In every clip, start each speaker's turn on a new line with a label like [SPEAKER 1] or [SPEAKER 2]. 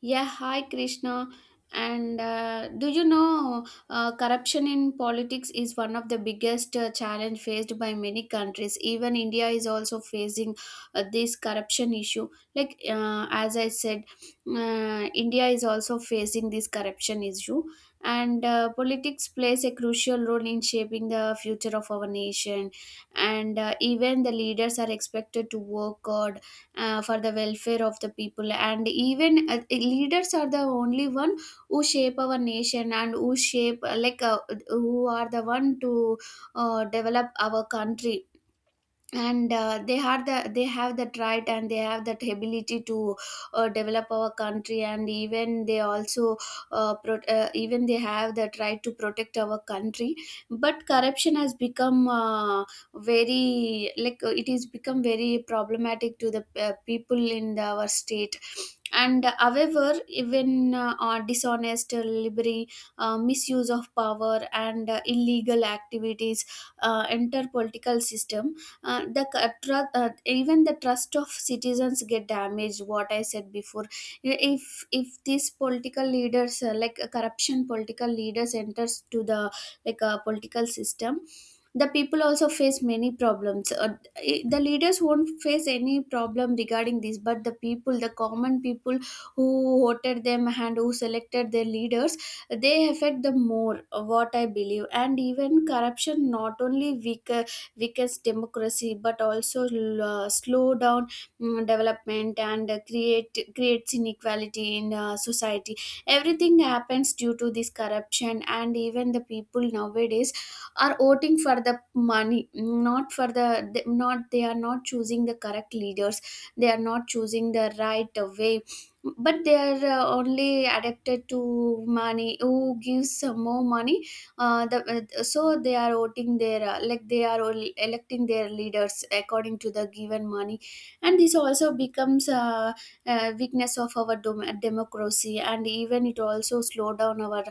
[SPEAKER 1] Yeah, hi Krishna. And do you know corruption in politics is one of the biggest challenge faced by many countries. Even India is also facing this corruption issue. As I said, India is also facing this corruption issue, and politics plays a crucial role in shaping the future of our nation. And even the leaders are expected to work hard for the welfare of the people, and even leaders are the only one who shape our nation and who shape who are the one to develop our country, and they had the they have that right and they have that ability to develop our country, and even they also even they have that right to protect our country. But corruption has become very like it is become very problematic to the people in the, our state. And however even dishonest delivery, bribery, misuse of power, and illegal activities enter political system. Even the trust of citizens get damaged, what I said before. If these political leaders, corruption political leaders enters to the political system, the people also face many problems. The leaders won't face any problem regarding this, but the people, the common people who voted them and who selected their leaders, they affect the more, what I believe. And even corruption not only weaker weakens democracy but also slow down development, and creates inequality in society. Everything happens due to this corruption. And even the people nowadays are voting for the money, not for the not they are not choosing the correct leaders, they are not choosing the right way, but they are only addicted to money. Who gives more money uh, the, so they are voting their they are all electing their leaders according to the given money. And this also becomes a weakness of our democracy, and even it also slow down our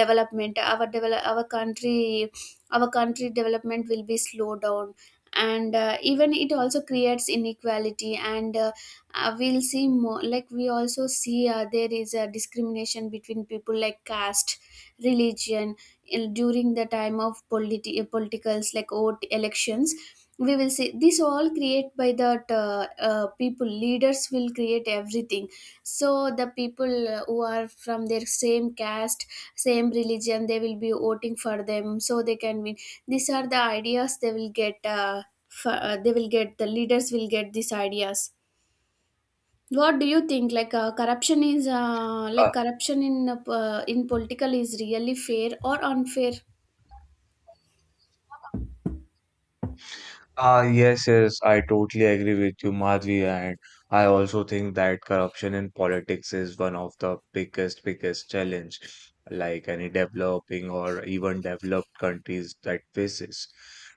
[SPEAKER 1] development, our develop our country, our country development will be slowed down. And even it also creates inequality, and we'll see more, like we also see there is a discrimination between people like caste, religion, in, during the time of politicals, like vote elections. We will see this all create by that people, leaders will create everything. So the people who are from their same caste, same religion, they will be voting for them so they can win. These are the ideas they will get, they will get, the leaders will get these ideas. What do you think, corruption is,
[SPEAKER 2] Uh,
[SPEAKER 1] corruption in political is really fair or unfair?
[SPEAKER 2] yes, yes, I totally agree with you, Madhvi, and I also think that corruption in politics is one of the biggest, biggest challenge like any developing or even developed countries that faces.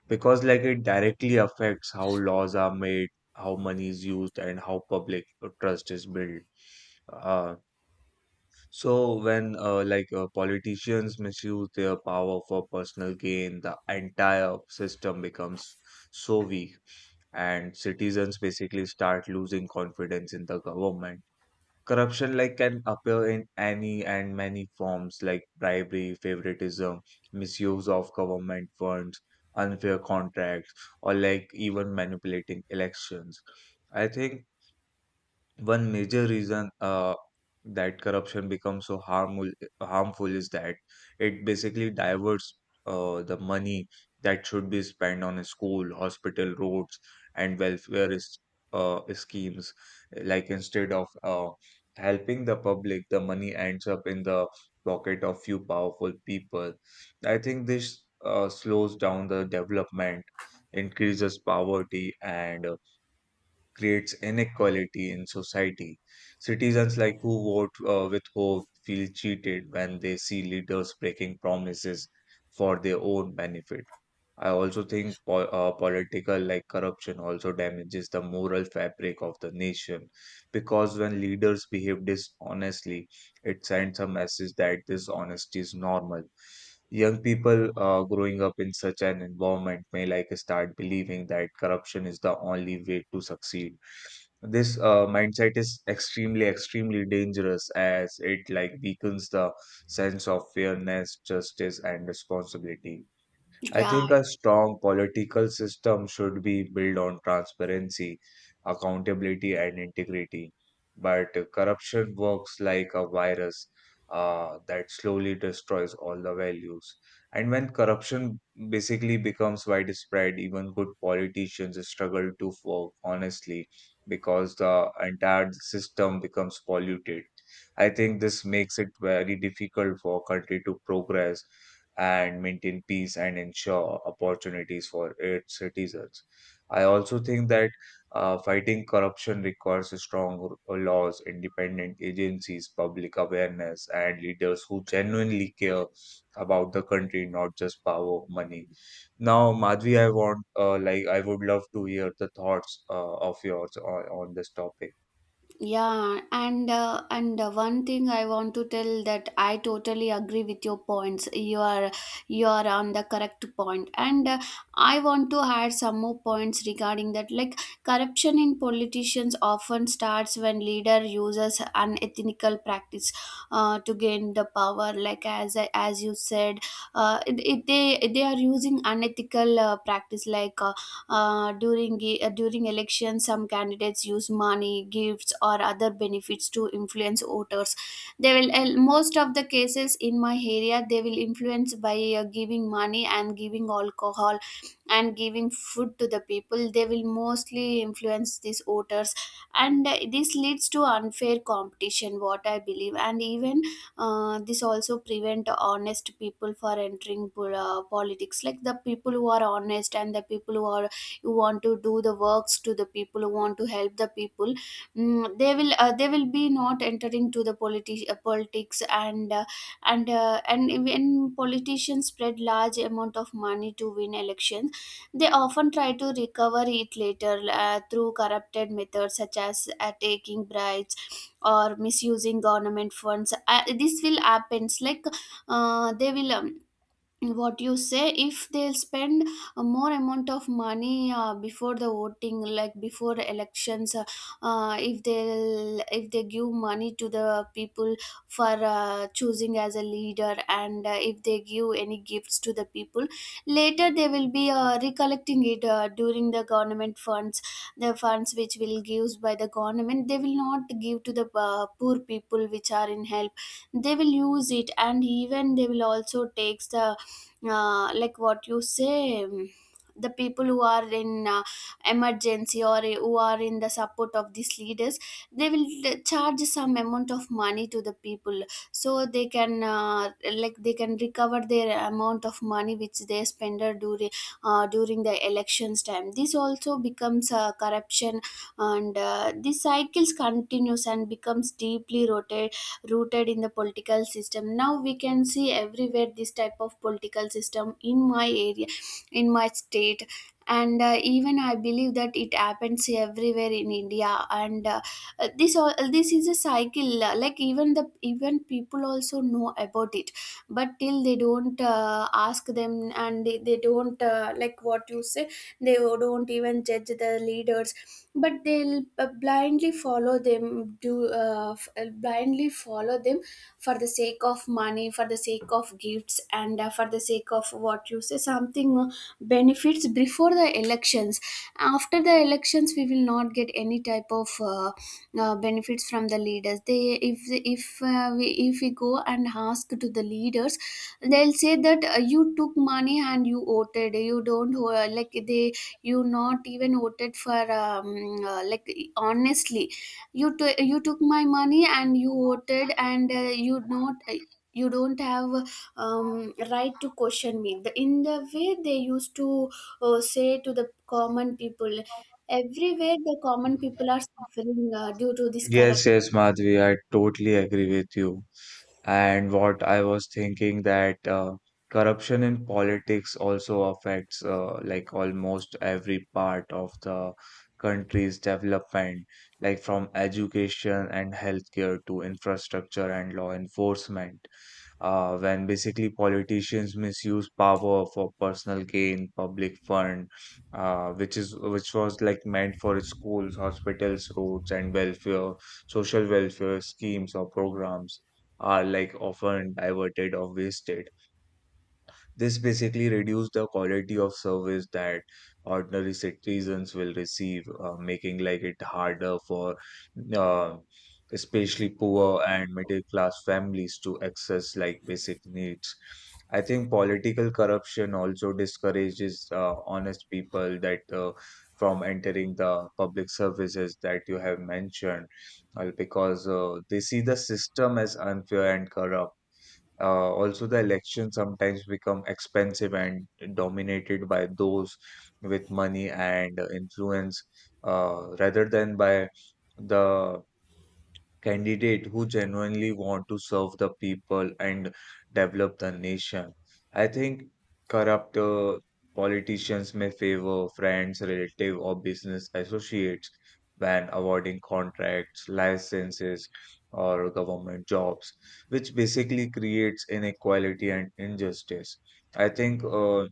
[SPEAKER 2] Because like it directly affects how laws are made, how money is used, and how public trust is built. Uh, So when like politicians misuse their power for personal gain, the entire system becomes so weak, and citizens basically start losing confidence in the government. Corruption like can appear in any and many forms like bribery, favoritism, misuse of government funds, unfair contracts, or like even manipulating elections. I think one major reason that corruption becomes so harmful is that it basically diverts the money that should be spent on a school, hospital, roads, and welfare is, schemes. Like instead of helping the public, the money ends up in the pocket of few powerful people. I think this slows down the development, increases poverty, and creates inequality in society. Citizens like who vote with hope feel cheated when they see leaders breaking promises for their own benefit. I also think political like corruption also damages the moral fabric of the nation because when leaders behave dishonestly, it sends a message that dishonesty is normal. Young people growing up in such an environment may like start believing that corruption is the only way to succeed. This mindset is extremely, extremely dangerous as it like weakens the sense of fairness, justice, and responsibility. I
[SPEAKER 1] Yeah.
[SPEAKER 2] think a strong political system should be built on transparency, accountability, and integrity. But corruption works like a virus that slowly destroys all the values. And when corruption basically becomes widespread, even good politicians struggle to work honestly because the entire system becomes polluted. I think this makes it very difficult for a country to progress and maintain peace and ensure opportunities for its citizens. I also think that fighting corruption requires strong laws, independent agencies, public awareness, and leaders who genuinely care about the country, not just power, money. Now, Madhvi, I want, like, I would love to hear the thoughts of yours on this topic.
[SPEAKER 1] Yeah, and one thing I want to tell, that I totally agree with your points. You are, you are on the correct point, and I want to add some more points regarding that. Like corruption in politicians often starts when leader uses unethical practice to gain the power. Like as you said, they are using unethical practice, like during elections some candidates use money, gifts, or other benefits to influence voters. They will, most of the cases in my area, they will influence by giving money and giving alcohol and giving food to the people. They will mostly influence these voters, and this leads to unfair competition, what I believe. And even this also prevent honest people for entering politics, like the people who are honest and the people who are, you want to do the works to the people, you want to help the people, they will, they will be not entering to the politics. And and when politicians spread large amount of money to win elections, they often try to recover it later through corrupted methods, such as taking bribes or misusing government funds. This will happens like, they will, what you say, if they spend a more amount of money before the voting, like before the elections, if they, if they give money to the people for choosing as a leader, and if they give any gifts to the people, later they will be recollecting it during the government funds. The funds which will gives by the government, they will not give to the poor people which are in help. They will use it, and even they will also takes the what you say, the people who are in emergency or who are in the support of these leaders, they will charge some amount of money to the people so they can they can recover their amount of money which they spend during during the elections time. This also becomes corruption. And these cycles continues and becomes deeply rotated rooted in the political system. Now we can see everywhere this type of political system, in my area, in my state. And even I believe that it happens everywhere in india. And this is a cycle, even the, even people also know about it, but till they don't ask them, and they don't, what you say, they don't even judge the leaders, but they'll blindly follow them, do blindly follow them for the sake of money, for the sake of gifts, and for the sake of, what you say, something benefits before the elections. After the elections we will not get any type of benefits from the leaders. They, if we, if we go and ask to the leaders, they'll say that you took money and you voted. You don't, they, you not even voted for uh, like honestly, you took my money and you voted, and you not, you don't have right to question me. The, in the way they used to say to the common people. Everywhere the common people are suffering due to this corruption.
[SPEAKER 2] Yes, yes, Madhvi, I totally agree with you. And what I was thinking that corruption in politics also affects like almost every part of the country's development, like from education and healthcare to infrastructure and law enforcement when basically politicians misuse power for personal gain, public fund, which is which was like meant for schools, hospitals, roads, and welfare, social welfare schemes or programs are like often diverted or wasted. This basically reduced the quality of service that ordinary citizens will receive, making like it harder for uh, especially poor and middle class families to access like basic needs. I think political corruption also discourages honest people that from entering the public services that you have mentioned, because they see the system as unfair and corrupt also, the elections sometimes become expensive and dominated by those with money and influence, rather than by the candidate who genuinely want to serve the people and develop the nation. I think corrupt politicians may favor friends, relative, or business associates when awarding contracts, licenses, or government jobs, which basically creates inequality and injustice. I think uh,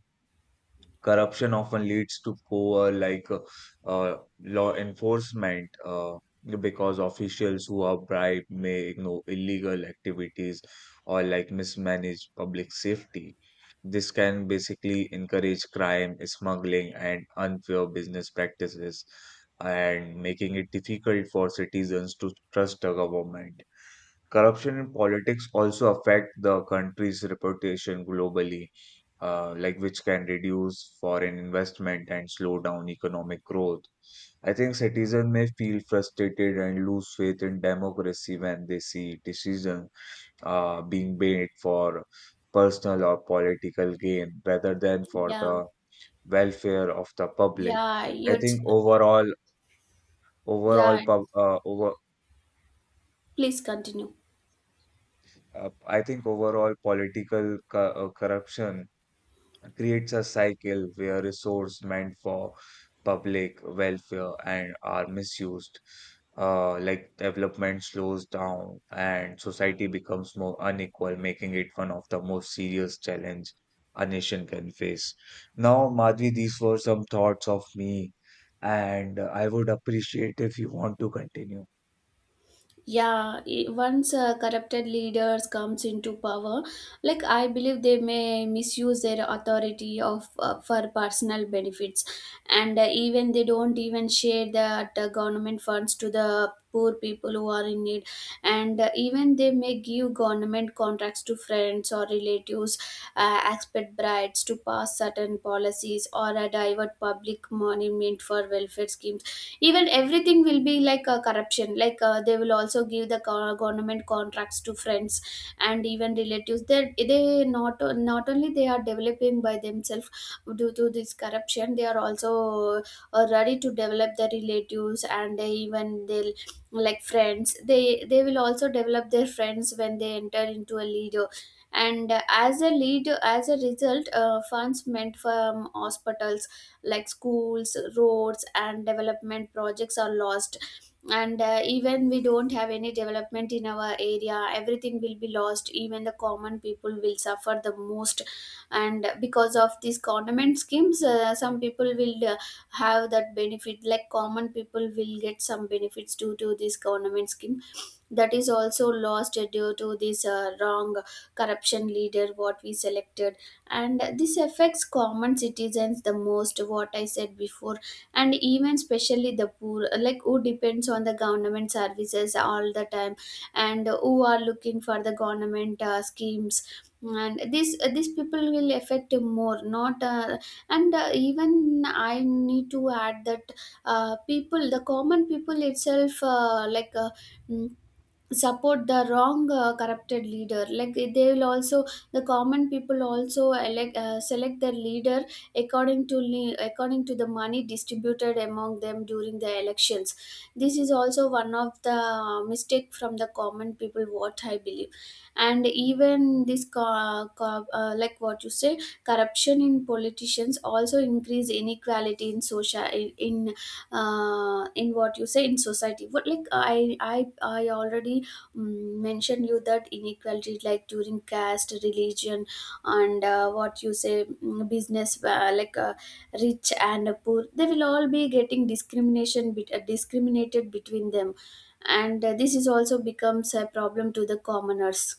[SPEAKER 2] Corruption often leads to poor, law enforcement, because officials who are bribed may ignore illegal activities or like mismanage public safety. This can basically encourage crime, smuggling, and unfair business practices, and making it difficult for citizens to trust the government corruption in politics also affect the country's reputation globally, like which can reduce foreign investment and slow down economic growth. I think citizens may feel frustrated and lose faith in democracy when they see decisions being made for personal or political gain rather than for
[SPEAKER 1] Yeah.
[SPEAKER 2] the welfare of the public.
[SPEAKER 1] Yeah,
[SPEAKER 2] I
[SPEAKER 1] you.
[SPEAKER 2] think overall,
[SPEAKER 1] Yeah,
[SPEAKER 2] pub, uh, over,
[SPEAKER 1] please continue.
[SPEAKER 2] I think overall political co corruption creates a cycle where resources meant for public welfare and are misused. Like development slows down and society becomes more unequal, making it one of the most serious challenge a nation can face. Now, Madhvi, these were some thoughts of me, and I would appreciate if you want to continue.
[SPEAKER 1] Yeah, once corrupted leaders comes into power, like I believe they may misuse their authority of for personal benefits, and even they don't even share that government funds to the poor people who are in need, and even they may give government contracts to friends or relatives, expect bribes to pass certain policies, or divert public money meant for welfare schemes. Even everything will be like a corruption. They will also give the government contracts to friends and even relatives. They not, not only they are developing by themselves due to this corruption, they are also ready to develop their relatives, and they, even they'll, like friends, they will also develop their friends when they enter into a leader. And as a result, funds meant for hospitals, like schools, roads, and development projects are lost. And even we don't have any development in our area, everything will be lost, even the common people will suffer the most. And because of these government schemes, some people will have that benefit, like common people will get some benefits due to these government schemes. That is also lost due to this wrong corruption leader what we selected, and this affects common citizens the most, what I said before. And even especially the poor, like who depends on the government services all the time, and who are looking for the government schemes, and this, these people will affect more, not and even I need to add that people, the common people itself, mm, support the wrong corrupted leader. They will also, the common people also elect, select their leader according to according to the money distributed among them during the elections. This is also one of the mistake from the common people, what I believe. And even this what you say, corruption in politicians also increase inequality in social in what you say in society. What, like I already mentioned you that inequality, like during caste, religion, and what you say, business, rich and poor, they will all be getting discrimination discriminated between them. And this is also becomes a problem to the commoners.